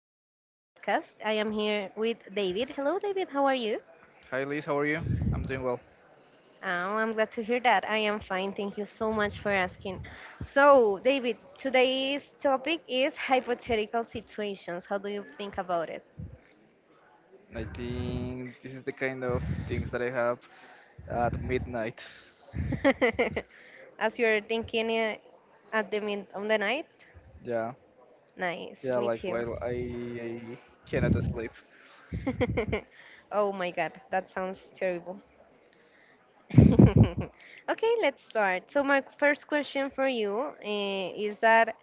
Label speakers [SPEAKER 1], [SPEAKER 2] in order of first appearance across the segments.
[SPEAKER 1] up to this podcast. I am here with David. Hello, David. How are you?
[SPEAKER 2] Hi Liz, how are you? I'm doing well.
[SPEAKER 1] Oh, I'm glad to hear that. I am fine. Thank you so much for asking. So, David, today's topic is hypothetical situations. How do you think about it?
[SPEAKER 2] I think this is the kind of things that I have at midnight.
[SPEAKER 1] As you're thinking at the mid of the night?
[SPEAKER 2] Yeah,
[SPEAKER 1] Nice.
[SPEAKER 2] yeah,
[SPEAKER 1] Me
[SPEAKER 2] like
[SPEAKER 1] too.
[SPEAKER 2] while I cannot sleep.
[SPEAKER 1] Oh my God, that sounds terrible. Okay, let's start. So my first question for you is that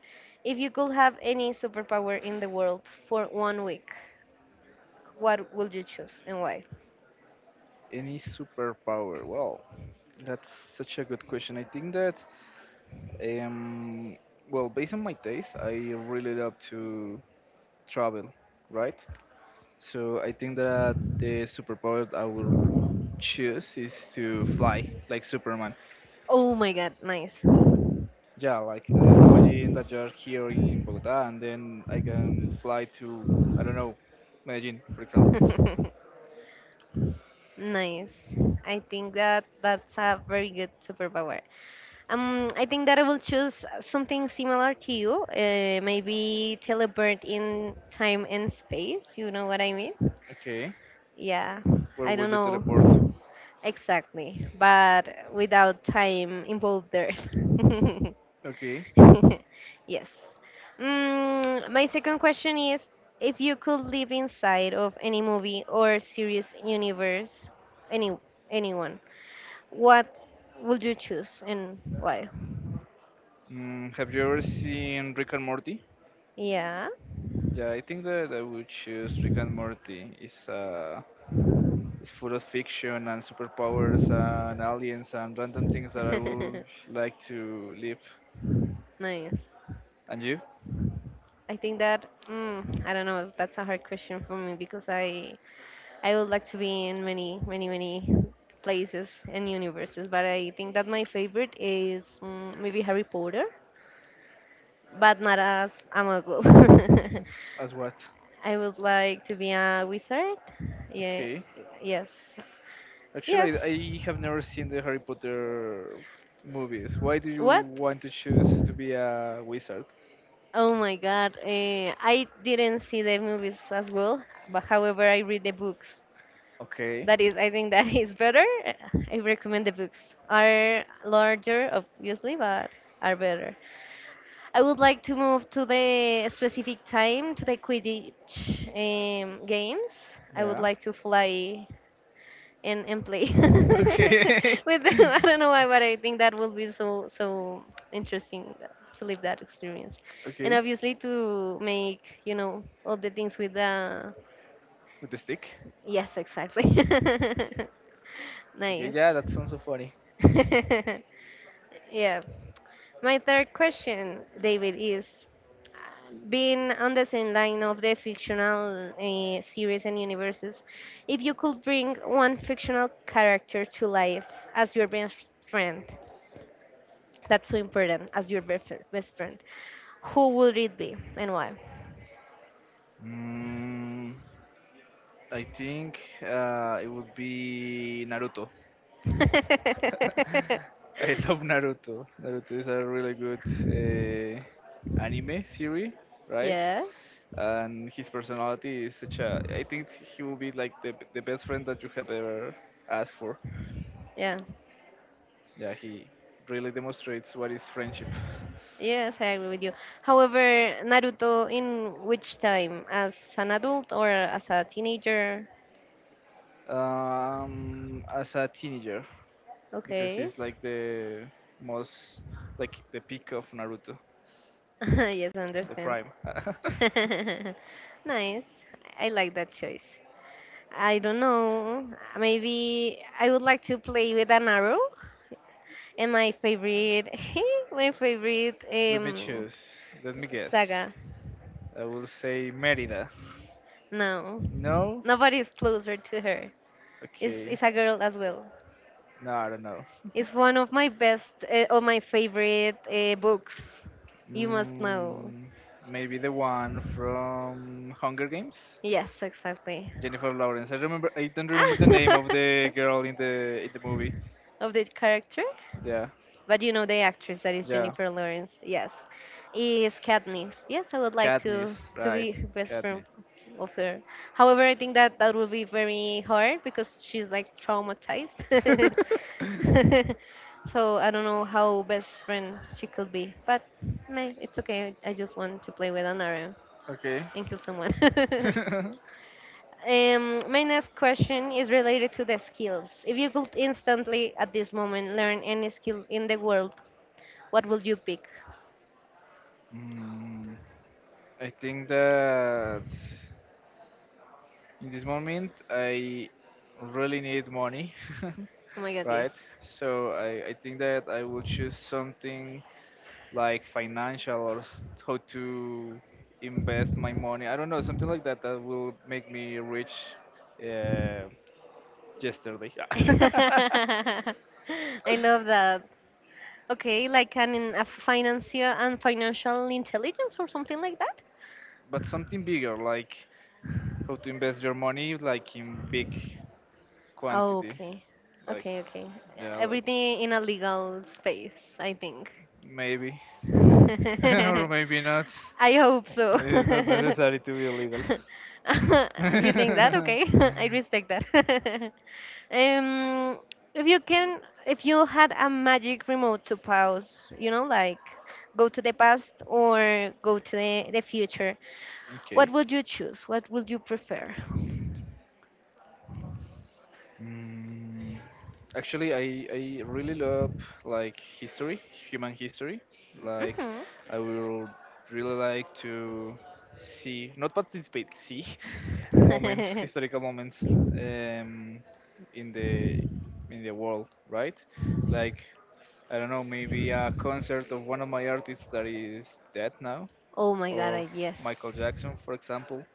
[SPEAKER 1] if you could have any superpower in the world for 1 week, what would you choose and why?
[SPEAKER 2] Any superpower? Well, that's such a good question. I think that, um, well, based on my taste, I really love to travel, right? So I think that the superpower I will choose is to fly, like Superman.
[SPEAKER 1] Oh my God, nice.
[SPEAKER 2] Yeah, like imagine that you're here in Bogota and then I can fly to, I don't know, Medellin, for example.
[SPEAKER 1] Nice. I think that that's a very good superpower. I think that I will choose something similar to you. Maybe teleport in time and space. You know what I mean?
[SPEAKER 2] Okay,
[SPEAKER 1] Yeah,
[SPEAKER 2] where
[SPEAKER 1] I don't
[SPEAKER 2] would you teleport?
[SPEAKER 1] know exactly, but without time involved there.
[SPEAKER 2] Okay,
[SPEAKER 1] Yes. My second question is if you could live inside of any movie or series universe, any anyone, what would you choose and why?
[SPEAKER 2] mm, have you ever seen Rick and Morty?
[SPEAKER 1] Yeah.
[SPEAKER 2] Yeah, I think that I would choose Rick and Morty. It's full of fiction and superpowers and aliens and random things that I would like to live.
[SPEAKER 1] Nice.
[SPEAKER 2] And you?
[SPEAKER 1] I think that I don't know if that's a hard question for me because I would like to be in many, many, many places and universes, but I think that my favorite is maybe Harry Potter, but not as a muggle.
[SPEAKER 2] As what?
[SPEAKER 1] I would like to be a wizard. Yeah,
[SPEAKER 2] Okay.
[SPEAKER 1] yes,
[SPEAKER 2] Actually,
[SPEAKER 1] yes.
[SPEAKER 2] I have never seen the Harry Potter movies. Why do you
[SPEAKER 1] What?
[SPEAKER 2] want to choose to be a wizard?
[SPEAKER 1] Oh my God! I didn't see the movies as well, but however, I read the books.
[SPEAKER 2] Okay.
[SPEAKER 1] That is, I think that is better. I recommend the books. Are larger obviously, but are better. I would like to move to the specific time, to the quidditch games. I would
[SPEAKER 2] Yeah.
[SPEAKER 1] like to fly and play
[SPEAKER 2] Okay.
[SPEAKER 1] with them. I don't know why, but I think that will be so, so interesting to live that experience, and
[SPEAKER 2] Okay.
[SPEAKER 1] obviously to make, you know, all the things with the,
[SPEAKER 2] With the stick.
[SPEAKER 1] yes, exactly.
[SPEAKER 2] Okay.
[SPEAKER 1] Nice.
[SPEAKER 2] Yeah, that sounds so funny.
[SPEAKER 1] Yeah. My third question, David, is being on the same line of the fictional series and universes, if you could bring one fictional character to life as your best friend, that's so important, as your best friend, who would it be and why?
[SPEAKER 2] Mm, I think it would be Naruto. I love Naruto. Naruto is a really good uh, anime series, right?
[SPEAKER 1] Yes.
[SPEAKER 2] And his personality is such a. I think he will be like the best friend that you have ever asked for.
[SPEAKER 1] Yeah.
[SPEAKER 2] Yeah, he really demonstrates what is friendship.
[SPEAKER 1] Yes, I agree with you. However, Naruto in which time? As an adult or as a teenager?
[SPEAKER 2] As a teenager, because
[SPEAKER 1] Okay.
[SPEAKER 2] he's like the most like the peak of Naruto,
[SPEAKER 1] Yes, I
[SPEAKER 2] the
[SPEAKER 1] understand.
[SPEAKER 2] prime.
[SPEAKER 1] Nice. I like that choice. I don't know. Maybe I would like to play with an arrow. And my favorite, my favorite
[SPEAKER 2] Let me choose. Let me guess.
[SPEAKER 1] saga.
[SPEAKER 2] I will say Merida.
[SPEAKER 1] No,
[SPEAKER 2] No?
[SPEAKER 1] nobody's closer to her.
[SPEAKER 2] Okay.
[SPEAKER 1] It's a girl as well.
[SPEAKER 2] No, I don't know.
[SPEAKER 1] It's one of my best or my favorite books. You must know.
[SPEAKER 2] Mm, maybe the one from Hunger Games,
[SPEAKER 1] Yes, exactly.
[SPEAKER 2] Jennifer Lawrence. I remember. I don't remember the name of the girl in the movie.
[SPEAKER 1] Of the character?
[SPEAKER 2] Yeah,
[SPEAKER 1] But you know the actress, that is
[SPEAKER 2] yeah,
[SPEAKER 1] Jennifer Lawrence, yes, is Katniss. Yes, I would like
[SPEAKER 2] Katniss,
[SPEAKER 1] to be
[SPEAKER 2] right?
[SPEAKER 1] her best
[SPEAKER 2] Katniss.
[SPEAKER 1] friend of her. However, I think that that will be very hard because she's like traumatized. So I don't know how best friend she could be, but meh, it's okay. I just want to play with an arrow
[SPEAKER 2] Okay.
[SPEAKER 1] and kill someone. My next question is related to the skills. If you could instantly at this moment learn any skill in the world, what will you pick?
[SPEAKER 2] Mm, I think that in this moment I really need money,
[SPEAKER 1] Oh my god,
[SPEAKER 2] right?
[SPEAKER 1] yes.
[SPEAKER 2] So I think that I will choose something like financial or how to invest my money. I don't know, something like that that will make me rich, uh, yesterday.
[SPEAKER 1] I love that. Okay, like an a financial and financial intelligence or something like that?
[SPEAKER 2] But something bigger, like how to invest your money like in big
[SPEAKER 1] Oh,
[SPEAKER 2] quantity.
[SPEAKER 1] okay.
[SPEAKER 2] Like
[SPEAKER 1] Okay, okay.
[SPEAKER 2] yeah, like
[SPEAKER 1] Everything in a legal space, I think.
[SPEAKER 2] maybe or maybe not.
[SPEAKER 1] I hope so.
[SPEAKER 2] It's not necessary to be illegal.
[SPEAKER 1] You think that? Okay. I respect that. Um, if you can, if you had a magic remote to pause, you know, like go to the past or go to the future, what
[SPEAKER 2] Okay.
[SPEAKER 1] would you choose? What would you prefer?
[SPEAKER 2] Mm, actually, I really love like history, human history. Like
[SPEAKER 1] Hmm.
[SPEAKER 2] I will really like to see, not participate, see moments, historical moments um, in the world, right? Like I don't know, maybe a concert of one of my artists that is dead now,
[SPEAKER 1] Oh my god,
[SPEAKER 2] of
[SPEAKER 1] I- yes.
[SPEAKER 2] Michael Jackson, for example,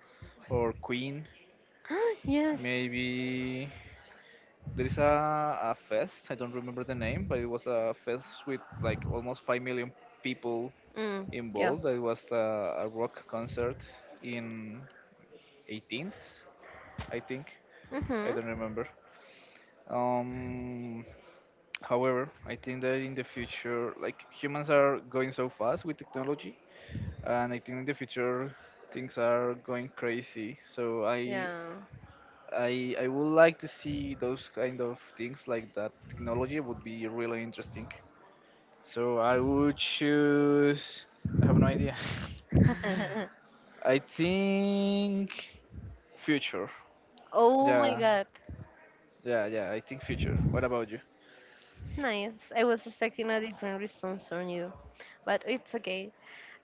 [SPEAKER 2] or Queen,
[SPEAKER 1] Yes.
[SPEAKER 2] maybe. There is a fest. I don't remember the name, but it was a fest with like almost 5 million people
[SPEAKER 1] Mm, yeah.
[SPEAKER 2] involved. It was a rock concert in 18th, I think. I
[SPEAKER 1] Hmm.
[SPEAKER 2] don't remember. Um, however, I think that in the future, like humans are going so fast with technology, and I think in the future things are going crazy. So I
[SPEAKER 1] Yeah.
[SPEAKER 2] I I would like to see those kind of things like that. Technology would be really interesting. So I would choose. I have no idea. I think future.
[SPEAKER 1] Oh my
[SPEAKER 2] Yeah,
[SPEAKER 1] god.
[SPEAKER 2] yeah, yeah. I think future. What about you?
[SPEAKER 1] Nice. I was expecting a different response from you, but it's okay.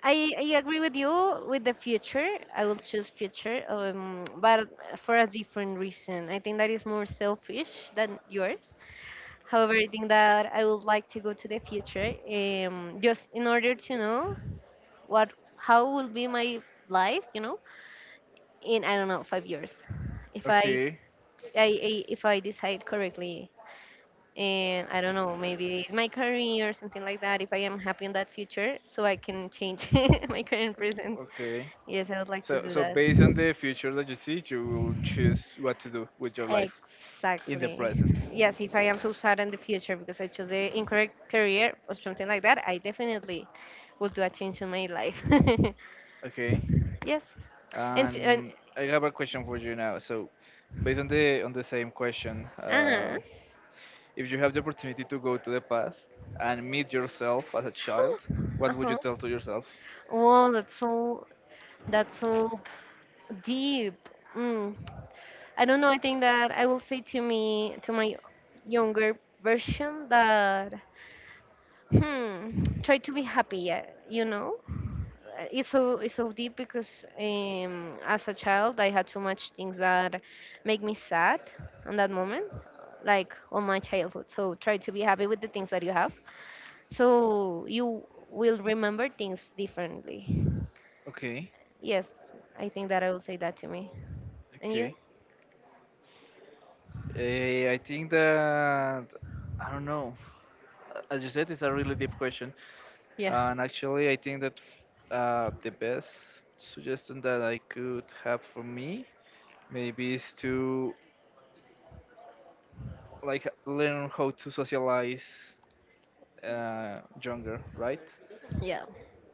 [SPEAKER 1] I agree with you with the future. I will choose future, but for a different reason. I think that is more selfish than yours. However, I think that I would like to go to the future, just in order to know what how will be my life, you know, in I don't know 5 years, if I,
[SPEAKER 2] Okay,
[SPEAKER 1] if I decide correctly, and I don't know maybe my career or something like that. If I am happy in that future, so I can change my current present.
[SPEAKER 2] okay.
[SPEAKER 1] Yes, I would like to
[SPEAKER 2] So,
[SPEAKER 1] do
[SPEAKER 2] so
[SPEAKER 1] that.
[SPEAKER 2] based on the future that you see, you will choose what to do with your life in the
[SPEAKER 1] Exactly.
[SPEAKER 2] present.
[SPEAKER 1] Yes, if I am so sad in the future because I chose the incorrect career or something like that, I definitely will do a change in my life.
[SPEAKER 2] Okay.
[SPEAKER 1] Yes. And
[SPEAKER 2] And I have a question for you now. So, based on the same question,
[SPEAKER 1] uh-huh.
[SPEAKER 2] if you have the opportunity to go to the past and meet yourself as a child, what would you
[SPEAKER 1] Uh-huh.
[SPEAKER 2] tell to yourself?
[SPEAKER 1] Wow, that's so, that's so deep. Mm. I don't know. I think that I will say to me, to my younger version that, hmm, try to be happy. Yeah, you know, it's so, it's so deep because as a child I had so much things that make me sad on that moment, like all my childhood. So try to be happy with the things that you have, so you will remember things differently.
[SPEAKER 2] Okay,
[SPEAKER 1] Yes, I think that I will say that to me. And you?
[SPEAKER 2] okay. Eh, I think that I don't know. As you said, it's a really deep question,
[SPEAKER 1] Yeah,
[SPEAKER 2] and actually, I think that the best suggestion that I could have for me maybe is to like learn how to socialize, younger, right?
[SPEAKER 1] yeah,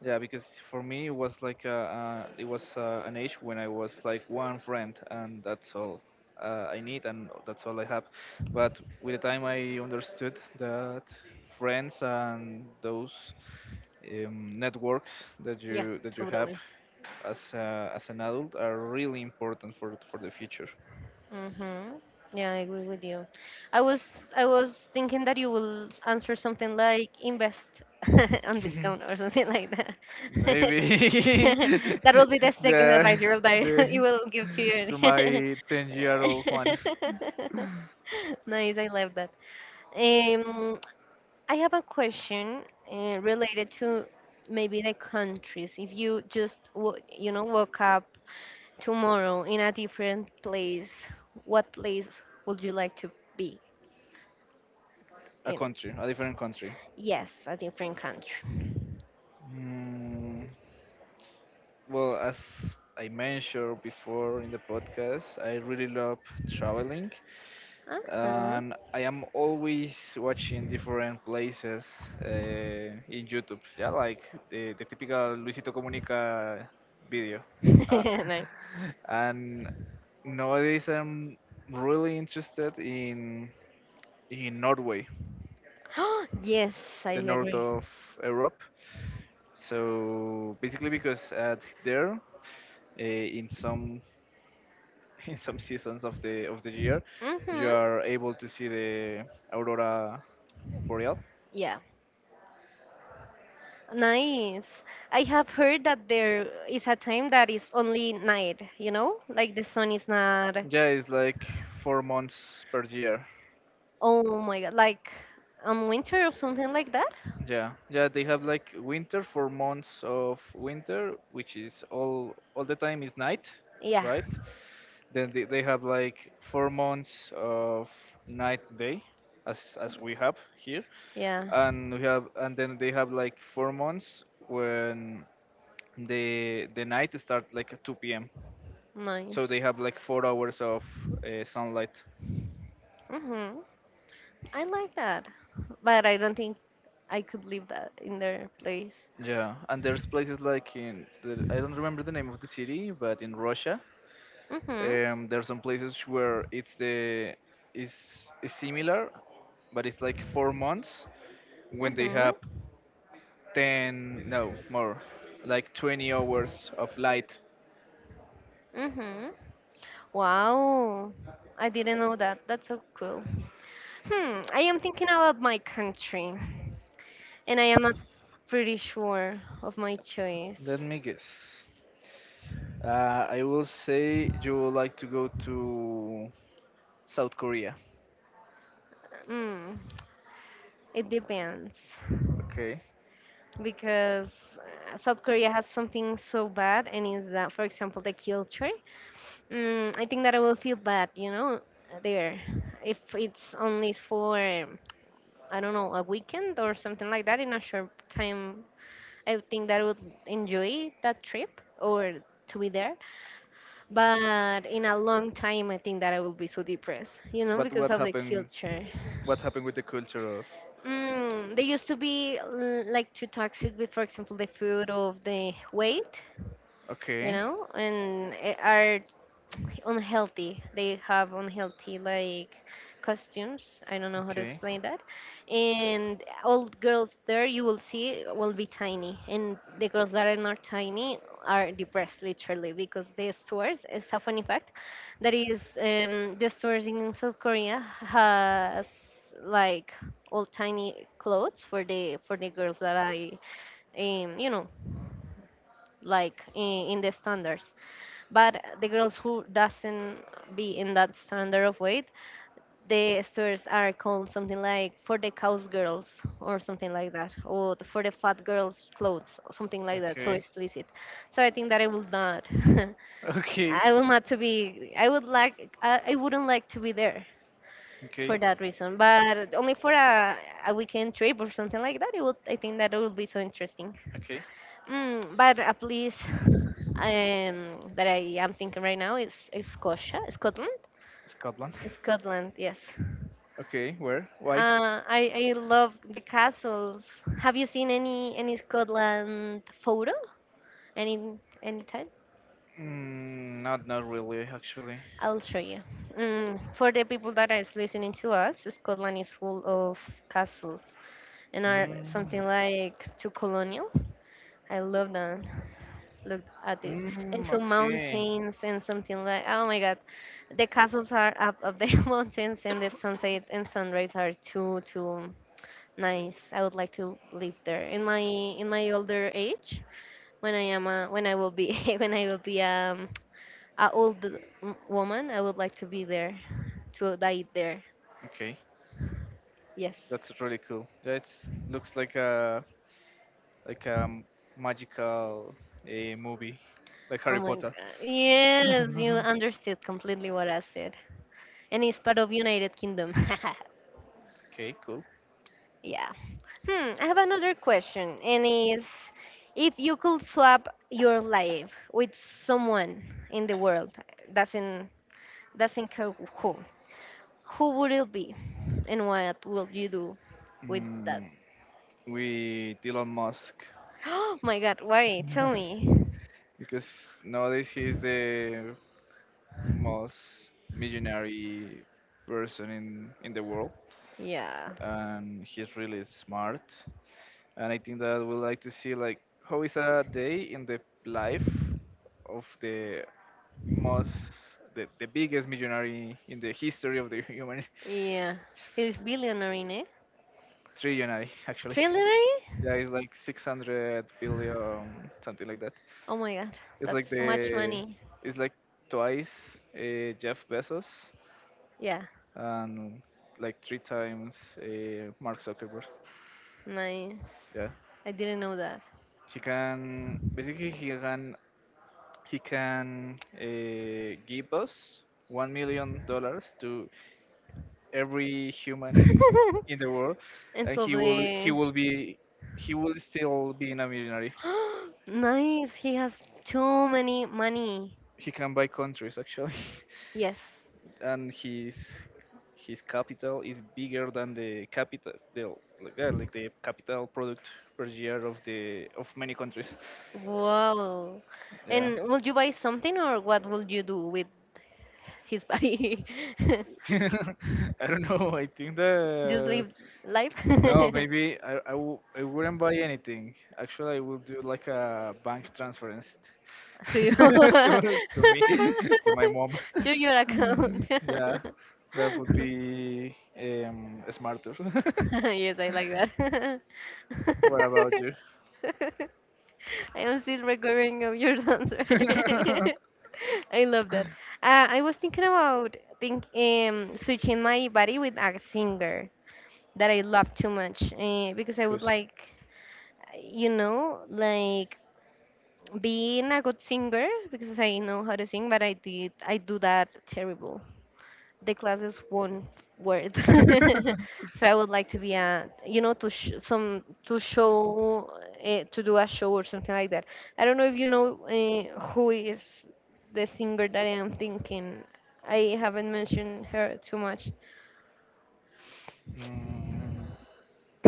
[SPEAKER 2] Yeah, because for me it was like it was an age when I was like one friend, and that's all, I need, and that's all I have. But with the time, I understood that friends and those networks that
[SPEAKER 1] yeah,
[SPEAKER 2] you have
[SPEAKER 1] totally.
[SPEAKER 2] as, as an adult are really important for the future.
[SPEAKER 1] Mm-hmm. Yeah, I agree with you. I was thinking that you will s- answer something like invest on Bitcoin or something like that.
[SPEAKER 2] Maybe
[SPEAKER 1] That will be the second
[SPEAKER 2] the
[SPEAKER 1] advice you will die,
[SPEAKER 2] the
[SPEAKER 1] you will give to your
[SPEAKER 2] to my 10-year old Juan,
[SPEAKER 1] Nice, I love that. Um, I have a question related to maybe the countries. If you just wo- you know woke up tomorrow in a different place, what place would you like to be
[SPEAKER 2] a
[SPEAKER 1] in?
[SPEAKER 2] country, a different country.
[SPEAKER 1] Yes, a different country.
[SPEAKER 2] Mm, well, as I mentioned before in the podcast, I really love traveling,
[SPEAKER 1] Uh-huh.
[SPEAKER 2] and I am always watching different places uh, in YouTube. Yeah, like the typical Luisito Comunica video. Uh,
[SPEAKER 1] Nice.
[SPEAKER 2] and nowadays, I'm really interested in Norway,
[SPEAKER 1] Yes, I
[SPEAKER 2] the north
[SPEAKER 1] agree.
[SPEAKER 2] of Europe. So basically, because at there, in some in some seasons of the year you
[SPEAKER 1] Mm-hmm.
[SPEAKER 2] are able to see the aurora boreal.
[SPEAKER 1] Yeah. Nice. I have heard that there is a time that is only night, you know? Like the sun is not,
[SPEAKER 2] Yeah, it's like 4 months per year.
[SPEAKER 1] oh my God, like on winter or something like that?
[SPEAKER 2] Yeah, yeah, they have like winter, 4 months of winter, which is all the time is night,
[SPEAKER 1] Yeah,
[SPEAKER 2] right? Then they have like 4 months of night day, as we have here.
[SPEAKER 1] yeah.
[SPEAKER 2] And we have, and then they have like 4 months when the night start like at 2 p.m. So
[SPEAKER 1] Nice.
[SPEAKER 2] they have like 4 hours of, sunlight.
[SPEAKER 1] Mm-hmm. I like that, but I don't think I could live that in their place.
[SPEAKER 2] Yeah, and there's places like in the, I don't remember the name of the city, but in Russia,
[SPEAKER 1] Mm-hmm.
[SPEAKER 2] there's some places where it's the is similar, but it's like 4 months when they have
[SPEAKER 1] Mm-hmm.
[SPEAKER 2] 10, no, more like 20 hours of light.
[SPEAKER 1] Mm-hmm. Wow. I didn't know that. That's so cool. Hmm. I am thinking about my country, and I am not pretty sure of my choice.
[SPEAKER 2] Let me guess. I will say you would like to go to South Korea.
[SPEAKER 1] Mm, it depends.
[SPEAKER 2] Okay.
[SPEAKER 1] Because South Korea has something so bad, and is that, for example, the culture. Mm, I think that I will feel bad, you know, there, if it's only for I don't know a weekend or something like that in a short time. I would think that I would enjoy that trip or to be there, but in a long time, I think that I will be so depressed, you know,
[SPEAKER 2] But
[SPEAKER 1] because
[SPEAKER 2] what
[SPEAKER 1] of the
[SPEAKER 2] happened?
[SPEAKER 1] culture.
[SPEAKER 2] What happened with the culture of?
[SPEAKER 1] Mm, they used to be l- like too toxic with, for example, the food of the weight, you
[SPEAKER 2] Okay,
[SPEAKER 1] know, and eh, are unhealthy. They have unhealthy like costumes. I don't know how to
[SPEAKER 2] okay,
[SPEAKER 1] explain that. And all girls there you will see will be tiny, and the girls that are not tiny are depressed literally because the stores. It's a funny fact that is the stores in South Korea has like all tiny clothes for the girls that I, you know, like in the standards, but the girls who doesn't be in that standard of weight, the stores are called something like for the cows girls or something like that, or for the fat girls clothes or something like that, so
[SPEAKER 2] okay,
[SPEAKER 1] explicit. So I think that I will not,
[SPEAKER 2] okay,
[SPEAKER 1] I will not to be, I would like, I wouldn't like to be there for
[SPEAKER 2] okay,
[SPEAKER 1] that reason, but only for a weekend trip or something like that. It would, I think that it would be so interesting.
[SPEAKER 2] okay.
[SPEAKER 1] Mm, but at least that I am thinking right now is Scotia, Scotland.
[SPEAKER 2] Scotland.
[SPEAKER 1] Scotland, yes.
[SPEAKER 2] Okay, where? Why?
[SPEAKER 1] I love the castles. Have you seen any Scotland photo? Any any time?
[SPEAKER 2] Mm, not not really actually.
[SPEAKER 1] I'll show you. Mm, for the people that is listening to us, Scotland is full of castles, and are
[SPEAKER 2] Mm,
[SPEAKER 1] something like too colonial. I love that. Look at this,
[SPEAKER 2] mm,
[SPEAKER 1] into
[SPEAKER 2] okay,
[SPEAKER 1] mountains and something like oh my god, the castles are up of the mountains, and the sunset and sunrise are too, too nice. I would like to live there in my, in my older age, when I am a, when I will be, when I will be a old m- woman. I would like to be there, to die there,
[SPEAKER 2] okay.
[SPEAKER 1] yes.
[SPEAKER 2] That's really cool. That looks like a magical a movie, like
[SPEAKER 1] Oh
[SPEAKER 2] Harry
[SPEAKER 1] my
[SPEAKER 2] Potter.
[SPEAKER 1] god, yes, you understood completely what I said. And it's part of United Kingdom.
[SPEAKER 2] Okay, cool.
[SPEAKER 1] Yeah. Hmm, I have another question, and is if you could swap your life with someone in the world, doesn't doesn't care who would it be, and what would you do with that?
[SPEAKER 2] Mm, with Elon Musk
[SPEAKER 1] Oh my God, why? Tell me.
[SPEAKER 2] because nowadays he is the most millionaire person in the world,
[SPEAKER 1] Yeah,
[SPEAKER 2] and he's really smart. And I think that we like to see like how is a day in the life of the most the biggest millionaire in the history of the human.
[SPEAKER 1] yeah. He's billionaire, eh?
[SPEAKER 2] Trillionaire actually.
[SPEAKER 1] Trillionaire?
[SPEAKER 2] Yeah, it's like 600 billion, something like that.
[SPEAKER 1] Oh my God,
[SPEAKER 2] It's like
[SPEAKER 1] that's too much
[SPEAKER 2] the
[SPEAKER 1] money.
[SPEAKER 2] it's like twice, Jeff Bezos,
[SPEAKER 1] Yeah,
[SPEAKER 2] and like three times, Mark Zuckerberg.
[SPEAKER 1] nice.
[SPEAKER 2] Yeah,
[SPEAKER 1] I didn't know.
[SPEAKER 2] he can basically he can, give us $1 million to every human in the world,
[SPEAKER 1] And
[SPEAKER 2] and he will he
[SPEAKER 1] probably
[SPEAKER 2] will be he will still be in a millionaire.
[SPEAKER 1] nice. He has too many money.
[SPEAKER 2] He can buy countries actually.
[SPEAKER 1] Yes.
[SPEAKER 2] And his capital is bigger than the capital like, yeah, like the capital product per year of the of many countries.
[SPEAKER 1] Wow.
[SPEAKER 2] Yeah.
[SPEAKER 1] And will you buy something or what will you do with his body?
[SPEAKER 2] I don't know. I think
[SPEAKER 1] Just
[SPEAKER 2] that
[SPEAKER 1] live life.
[SPEAKER 2] no, maybe I wouldn't buy anything. Actually, I will do like a bank transfer
[SPEAKER 1] To
[SPEAKER 2] to,
[SPEAKER 1] your
[SPEAKER 2] to me to my mom.
[SPEAKER 1] to your account.
[SPEAKER 2] Yeah, that would be, smarter.
[SPEAKER 1] Yes, I like
[SPEAKER 2] What about
[SPEAKER 1] that.
[SPEAKER 2] you?
[SPEAKER 1] I am still recovering of your answer. I love that. I was thinking about think switching my body with a singer that I love too much because I would
[SPEAKER 2] Who's?
[SPEAKER 1] like, like being a good singer because I know how to sing, but I do that terrible. The class is one word. So I would like to be a to sh- some to show to do a show or something like that. I don't know if you know who is the singer that I am thinking. I haven't mentioned her too much.
[SPEAKER 2] Mm,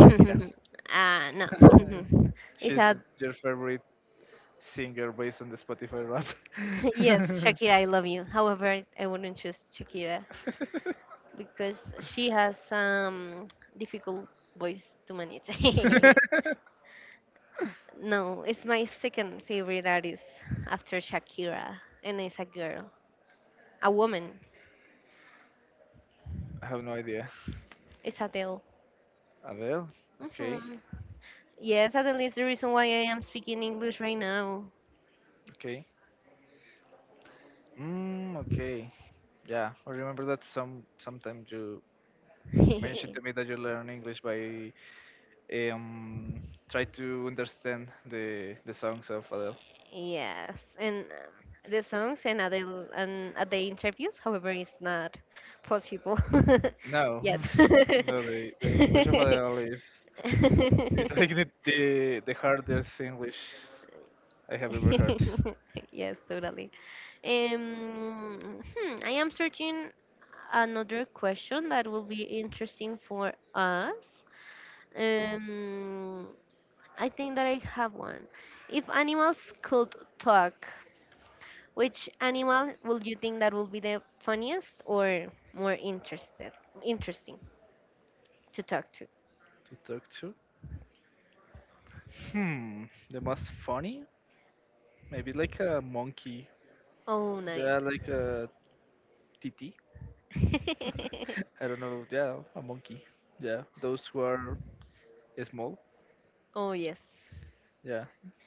[SPEAKER 2] Shakira.
[SPEAKER 1] Ah, no. It's
[SPEAKER 2] She's
[SPEAKER 1] a
[SPEAKER 2] your favorite singer based on the Spotify
[SPEAKER 1] yes,
[SPEAKER 2] rap.
[SPEAKER 1] Shakira, I love you, however, I wouldn't choose Shakira because she has some difficult voice to manage. No, it's my second favorite artist after Shakira, and it's a girl, a woman.
[SPEAKER 2] I have no idea.
[SPEAKER 1] It's Adele.
[SPEAKER 2] Adele? Okay,
[SPEAKER 1] Hmm. Yes, Adele is the reason why I am speaking English right now.
[SPEAKER 2] okay. Mm, okay. Yeah, I remember that some sometime you mentioned to me that you learn English by um try to understand the songs of Adele.
[SPEAKER 1] Yes, and the songs and at the and at interviews, however, it's not possible
[SPEAKER 2] No,
[SPEAKER 1] yet.
[SPEAKER 2] no, the, English of Adele is like the, the, the hardest English I have ever heard
[SPEAKER 1] Yes, totally. Um, I am searching another question that will be interesting for us. Um, I think that I have one. If animals could talk, which animal would you think that will be the funniest or more interested, interesting to talk to?
[SPEAKER 2] to talk to. Hmm, the most funny? Maybe like a monkey.
[SPEAKER 1] Oh, nice.
[SPEAKER 2] Yeah, like a titi. I don't know. Yeah, a monkey. Yeah, those who are small.
[SPEAKER 1] Oh yes,
[SPEAKER 2] Yeah,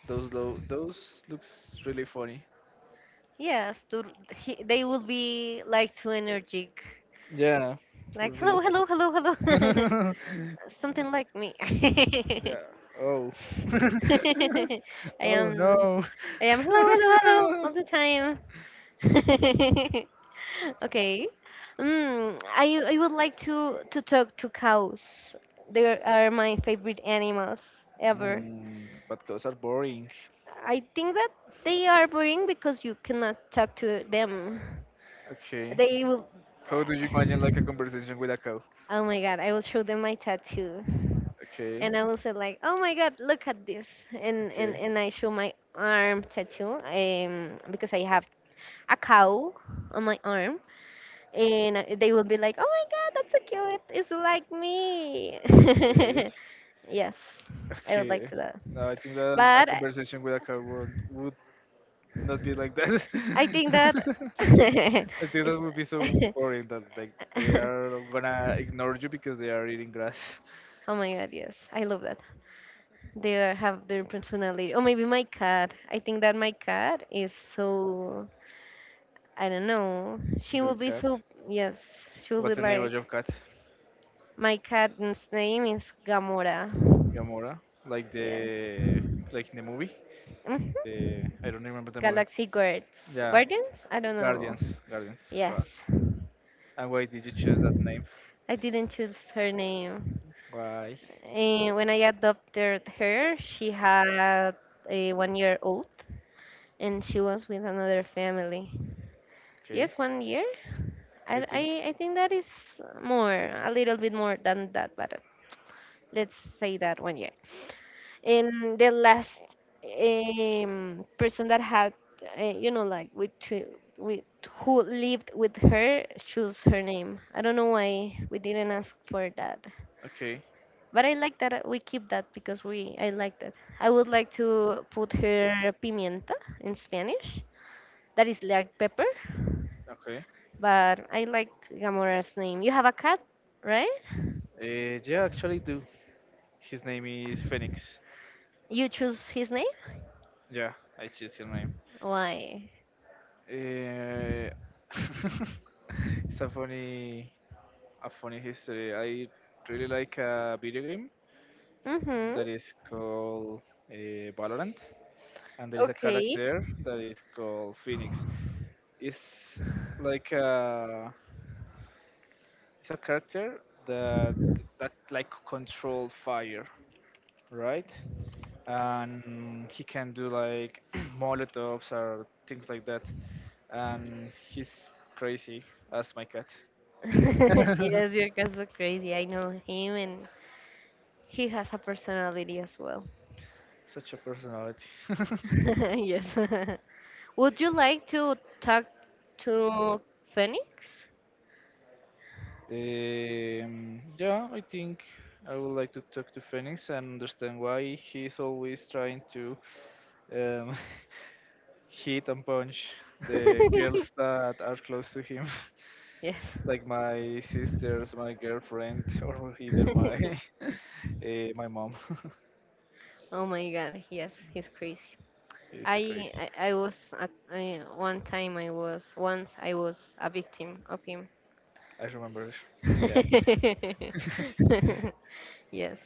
[SPEAKER 2] those low, those looks really funny.
[SPEAKER 1] yes. They will be like too energetic,
[SPEAKER 2] Yeah, for
[SPEAKER 1] like hello,
[SPEAKER 2] real.
[SPEAKER 1] hello, hello, hello. Something like me.
[SPEAKER 2] Yeah. Oh. Oh
[SPEAKER 1] Am
[SPEAKER 2] no.
[SPEAKER 1] I am hello, hello, hello all the time. Okay. Mm, I would like to talk to cows. They are my favorite animals ever.
[SPEAKER 2] Mm, but cows are boring.
[SPEAKER 1] I think that they are boring because you cannot talk to them.
[SPEAKER 2] Okay.
[SPEAKER 1] They will
[SPEAKER 2] How do you imagine like a conversation with a cow?
[SPEAKER 1] oh my god, I will show them my tattoo.
[SPEAKER 2] Okay.
[SPEAKER 1] And I will say like, "Oh my God, look at this!" And
[SPEAKER 2] Okay.
[SPEAKER 1] I show my arm tattoo because I have a cow on my arm, and they will be like, "Oh my God, that's so cute! It's like me."
[SPEAKER 2] Okay.
[SPEAKER 1] Yes, I would like
[SPEAKER 2] Okay.
[SPEAKER 1] to that,
[SPEAKER 2] No, I think that a
[SPEAKER 1] but
[SPEAKER 2] conversation with a cow would not be like that.
[SPEAKER 1] I think that
[SPEAKER 2] I think
[SPEAKER 1] it's.
[SPEAKER 2] that would be so boring that like they are gonna ignore you because they are eating grass.
[SPEAKER 1] Oh my god, yes. I love that. They are, have their personality. Or maybe my cat. I think that my cat is so I don't know. She
[SPEAKER 2] Your
[SPEAKER 1] will be
[SPEAKER 2] cat.
[SPEAKER 1] so, yes, she will be
[SPEAKER 2] What's the name of
[SPEAKER 1] like,
[SPEAKER 2] your cat?
[SPEAKER 1] my cat's name is Gamora.
[SPEAKER 2] Gamora, like
[SPEAKER 1] Yes.
[SPEAKER 2] the like in the movie.
[SPEAKER 1] Hmm.
[SPEAKER 2] The I don't remember the movie.
[SPEAKER 1] Galaxy Guards.
[SPEAKER 2] Yeah,
[SPEAKER 1] Guardians? I don't know.
[SPEAKER 2] Guardians, Guardians.
[SPEAKER 1] Yes.
[SPEAKER 2] Right. And why did you choose that name?
[SPEAKER 1] I didn't choose her name.
[SPEAKER 2] Why?
[SPEAKER 1] Eh, when I adopted her, she had a 1 year old and she was with another family.
[SPEAKER 2] Okay,
[SPEAKER 1] Yes, 1 year?
[SPEAKER 2] I think.
[SPEAKER 1] I think that is more, a little bit more than that, but let's say that 1 year. And the last person that had you know like with two with who lived with her choose her name. I don't know why we didn't ask for that,
[SPEAKER 2] Okay,
[SPEAKER 1] but I like that we keep that because we I like that. I would like to put her Pimienta in Spanish, that is like pepper,
[SPEAKER 2] okay.
[SPEAKER 1] but I like Gamora's name. You have a cat, right?
[SPEAKER 2] Yeah, actually do. His name is Phoenix.
[SPEAKER 1] You choose his name.
[SPEAKER 2] Yeah, I choose his name.
[SPEAKER 1] Why?
[SPEAKER 2] Uh, it's a funny history. I really like a video game
[SPEAKER 1] Mm-hmm.
[SPEAKER 2] that is called, uh, Valorant. And there is a
[SPEAKER 1] Okay.
[SPEAKER 2] character that is called Phoenix. It's like a, it's a character that like control fire, right? And he can do like molotovs or things like that. And he's crazy as my cat.
[SPEAKER 1] Yes, your cat's so crazy. I know him, and he has a personality as well.
[SPEAKER 2] Such a personality.
[SPEAKER 1] Yes. Would you like to talk to Phoenix?
[SPEAKER 2] Yeah, I think I would like to talk to Phoenix and understand why he's always trying to um, hit and punch the girls that are close to him,
[SPEAKER 1] Yes.
[SPEAKER 2] like my sisters, my girlfriend, or either my my mom.
[SPEAKER 1] Oh my god, yes, he's crazy.
[SPEAKER 2] It's
[SPEAKER 1] I,
[SPEAKER 2] crazy.
[SPEAKER 1] I was at I, one time I was once I was a victim of him.
[SPEAKER 2] I remember. Yeah.
[SPEAKER 1] Yes.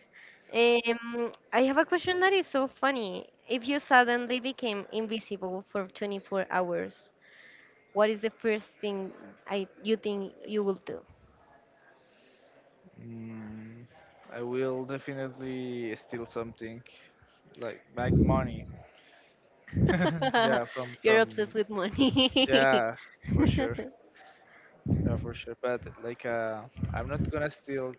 [SPEAKER 1] I have a question that is so funny. If you suddenly became invisible for 24 hours, what is the first thing I you think you will do?
[SPEAKER 2] Mm, I will definitely steal something, like money. Yeah,
[SPEAKER 1] You're obsessed
[SPEAKER 2] from
[SPEAKER 1] with money.
[SPEAKER 2] yeah, for sure. Yeah, for sure. But like, I'm not gonna steal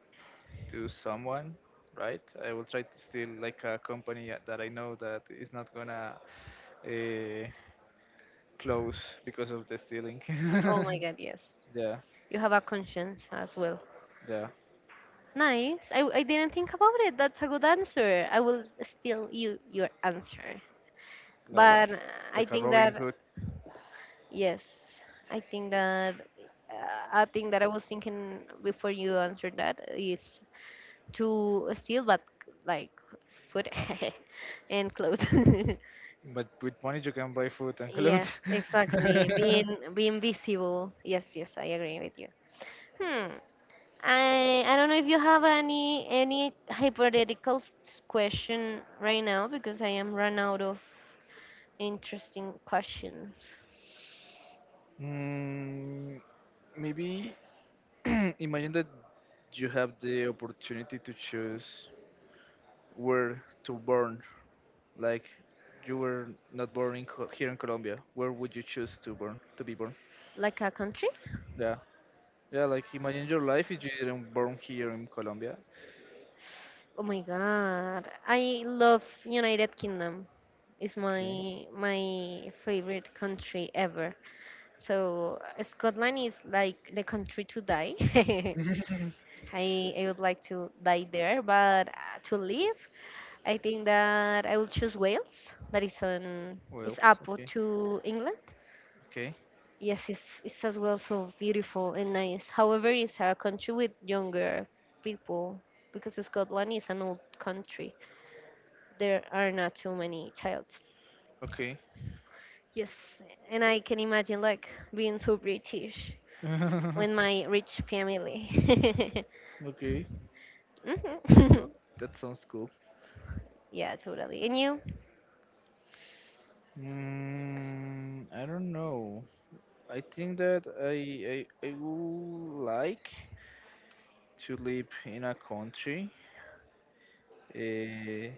[SPEAKER 2] to someone, right? I will try to steal like a company, that I know that is not gonna, uh, close because of the stealing.
[SPEAKER 1] Oh my God, yes.
[SPEAKER 2] Yeah,
[SPEAKER 1] You have a conscience as well.
[SPEAKER 2] yeah,
[SPEAKER 1] Nice. I didn't think about it. That's a good answer. I will steal you your answer. But
[SPEAKER 2] like
[SPEAKER 1] I
[SPEAKER 2] like a
[SPEAKER 1] think
[SPEAKER 2] Robin
[SPEAKER 1] that
[SPEAKER 2] Hood,
[SPEAKER 1] yes, I think that uh, I think that I was thinking before you answered that is to steal, but like food and clothes.
[SPEAKER 2] but with money you can buy food and
[SPEAKER 1] Yes,
[SPEAKER 2] clothes.
[SPEAKER 1] exactly. Being visible. Yes, yes, I agree with you. Hmm. I don't know if you have any hypothetical question right now because I am run out of interesting questions.
[SPEAKER 2] Mm, maybe imagine that you have the opportunity to choose where to burn. Like you were not born in here in Colombia. Where would you choose to burn? To be born?
[SPEAKER 1] Like a country?
[SPEAKER 2] Yeah. Yeah, like imagine your life if you didn't born here in Colombia.
[SPEAKER 1] Oh my God. I love United Kingdom. It's
[SPEAKER 2] Okay.
[SPEAKER 1] my favorite country ever. So Scotland is like the country to die. I would like to die there, but to live, I think that I will choose Wales. That is on it's
[SPEAKER 2] Well,
[SPEAKER 1] up
[SPEAKER 2] okay.
[SPEAKER 1] to England.
[SPEAKER 2] Okay.
[SPEAKER 1] Yes, it's as well so beautiful and nice. However, it's a country with younger people because Scotland is an old country. There are not too many childs.
[SPEAKER 2] Okay.
[SPEAKER 1] Yes, and I can imagine like being so British with my rich family.
[SPEAKER 2] Okay. That sounds,
[SPEAKER 1] Mhm.
[SPEAKER 2] that sounds cool.
[SPEAKER 1] Yeah, totally. And you?
[SPEAKER 2] Mm, I don't know. I think that I would like to live in a country, uh,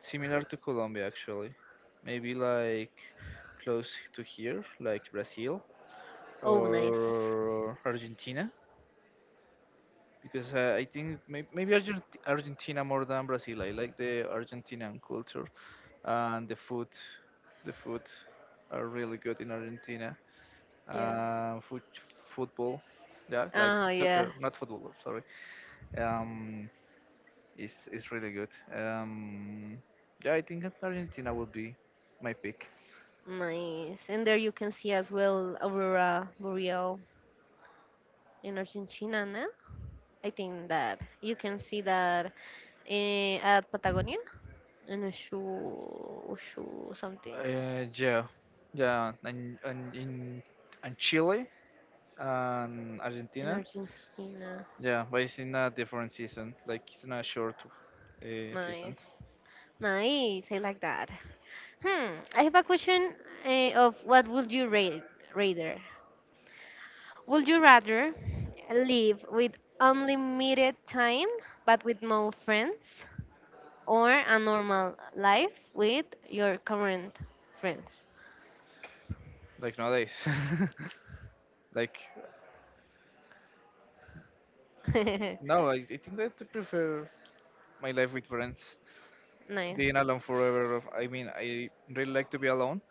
[SPEAKER 2] similar to Colombia actually. Maybe like close to here, like Brazil
[SPEAKER 1] Oh, nice.
[SPEAKER 2] or Argentina. Because I think maybe Argentina more than Brazil. I like the Argentinian culture and the food. The food are really good in Argentina.
[SPEAKER 1] Yeah.
[SPEAKER 2] Uh, foot, football, yeah, like
[SPEAKER 1] Oh, yeah,
[SPEAKER 2] soccer, not football. Sorry, um, is really good. Um, yeah, I think Argentina would be my pick.
[SPEAKER 1] nice. And there you can see as well Aurora Boreal in Argentina, no? I think that you can see that at Patagonia in a shoe something
[SPEAKER 2] Yeah, yeah, and Chile and
[SPEAKER 1] in
[SPEAKER 2] Argentina.
[SPEAKER 1] Argentina.
[SPEAKER 2] Yeah, but it's in a different season. Like it's in a short, season.
[SPEAKER 1] Nice. Nice, I like that. Hmm, I have a question of what would you rate rather? Would you rather live with unlimited time but with no friends, or a normal life with your current friends?
[SPEAKER 2] Like nowadays. Like no, I think that I prefer my life with friends.
[SPEAKER 1] Nice.
[SPEAKER 2] Being alone forever. I mean, I really like to be alone.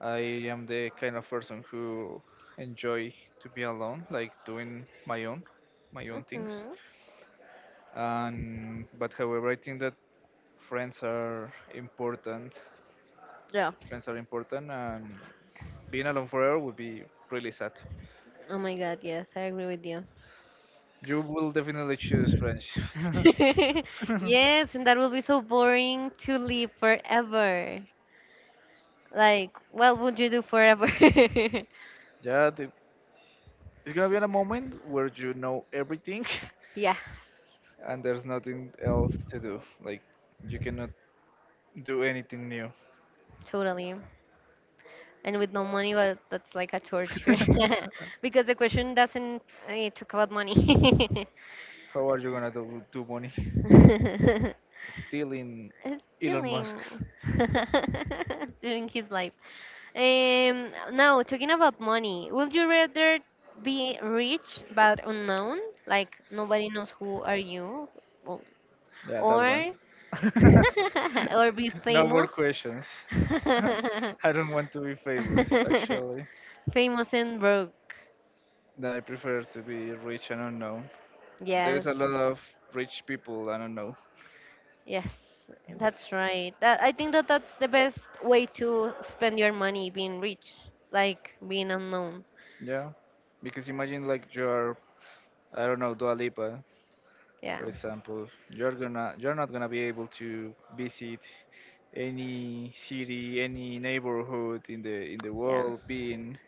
[SPEAKER 2] I am the kind of person who enjoy to be alone, like doing my own things.
[SPEAKER 1] Hmm.
[SPEAKER 2] And but however, I think that friends are important.
[SPEAKER 1] Yeah.
[SPEAKER 2] Friends are important, and being alone forever would be really sad.
[SPEAKER 1] Oh my God, yes, I agree with you.
[SPEAKER 2] You will definitely choose French.
[SPEAKER 1] Yes, and that will be so boring to live forever. Like, what would you do forever?
[SPEAKER 2] Yeah, the, it's gonna be in a moment where you know everything
[SPEAKER 1] Yeah,
[SPEAKER 2] and there's nothing else to do. Like, you cannot do anything new.
[SPEAKER 1] totally. And with no money, well, that's like a torture because the question doesn't talk about money.
[SPEAKER 2] How are you gonna do money? Still in Elon Musk.
[SPEAKER 1] Stealing during his life. Now talking about money, would you rather be rich but unknown, like nobody knows who are you, or
[SPEAKER 2] Yeah, that one.
[SPEAKER 1] or or be
[SPEAKER 2] no more
[SPEAKER 1] famous?
[SPEAKER 2] questions. I don't want to be famous, actually.
[SPEAKER 1] Famous and broke.
[SPEAKER 2] No, I prefer to be rich and unknown. There is
[SPEAKER 1] Yes,
[SPEAKER 2] a lot of rich people I don't know.
[SPEAKER 1] yes, that's right. That I think that that's the best way to spend your money, being rich, like being unknown.
[SPEAKER 2] Yeah. Because imagine like you're I don't know, Dua Lipa,
[SPEAKER 1] Yeah,
[SPEAKER 2] for example, you're not gonna be able to visit any city, any neighborhood in the
[SPEAKER 1] yeah.
[SPEAKER 2] world being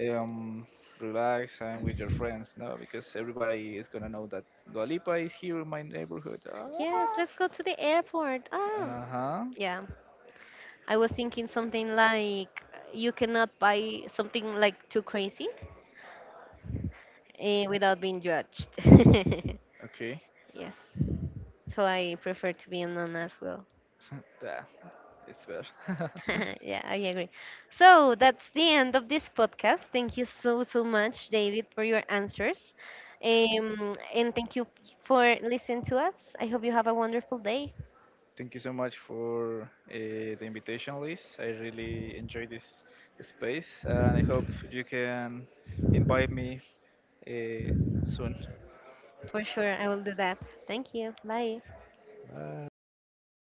[SPEAKER 2] um relaxed and with your friends, no, because everybody is gonna know that Dua Lipa is here in my neighborhood. Ah.
[SPEAKER 1] Yes, let's go to the airport. Ah,
[SPEAKER 2] Uh-huh.
[SPEAKER 1] yeah. I was thinking something like you cannot buy something like too crazy without being judged.
[SPEAKER 2] Okay.
[SPEAKER 1] Yes, so I prefer to be unknown as well.
[SPEAKER 2] That it's better.
[SPEAKER 1] Yeah, I agree. So that's the end of this podcast. Thank you so, so much, David, for your answers. And thank you for listening to us. I hope you have a wonderful day.
[SPEAKER 2] Thank you so much for, the invitation, Liz. I really enjoy this space, and I hope you can invite me, uh, soon.
[SPEAKER 1] For sure, I will do that. Thank you. Bye.
[SPEAKER 2] Bye.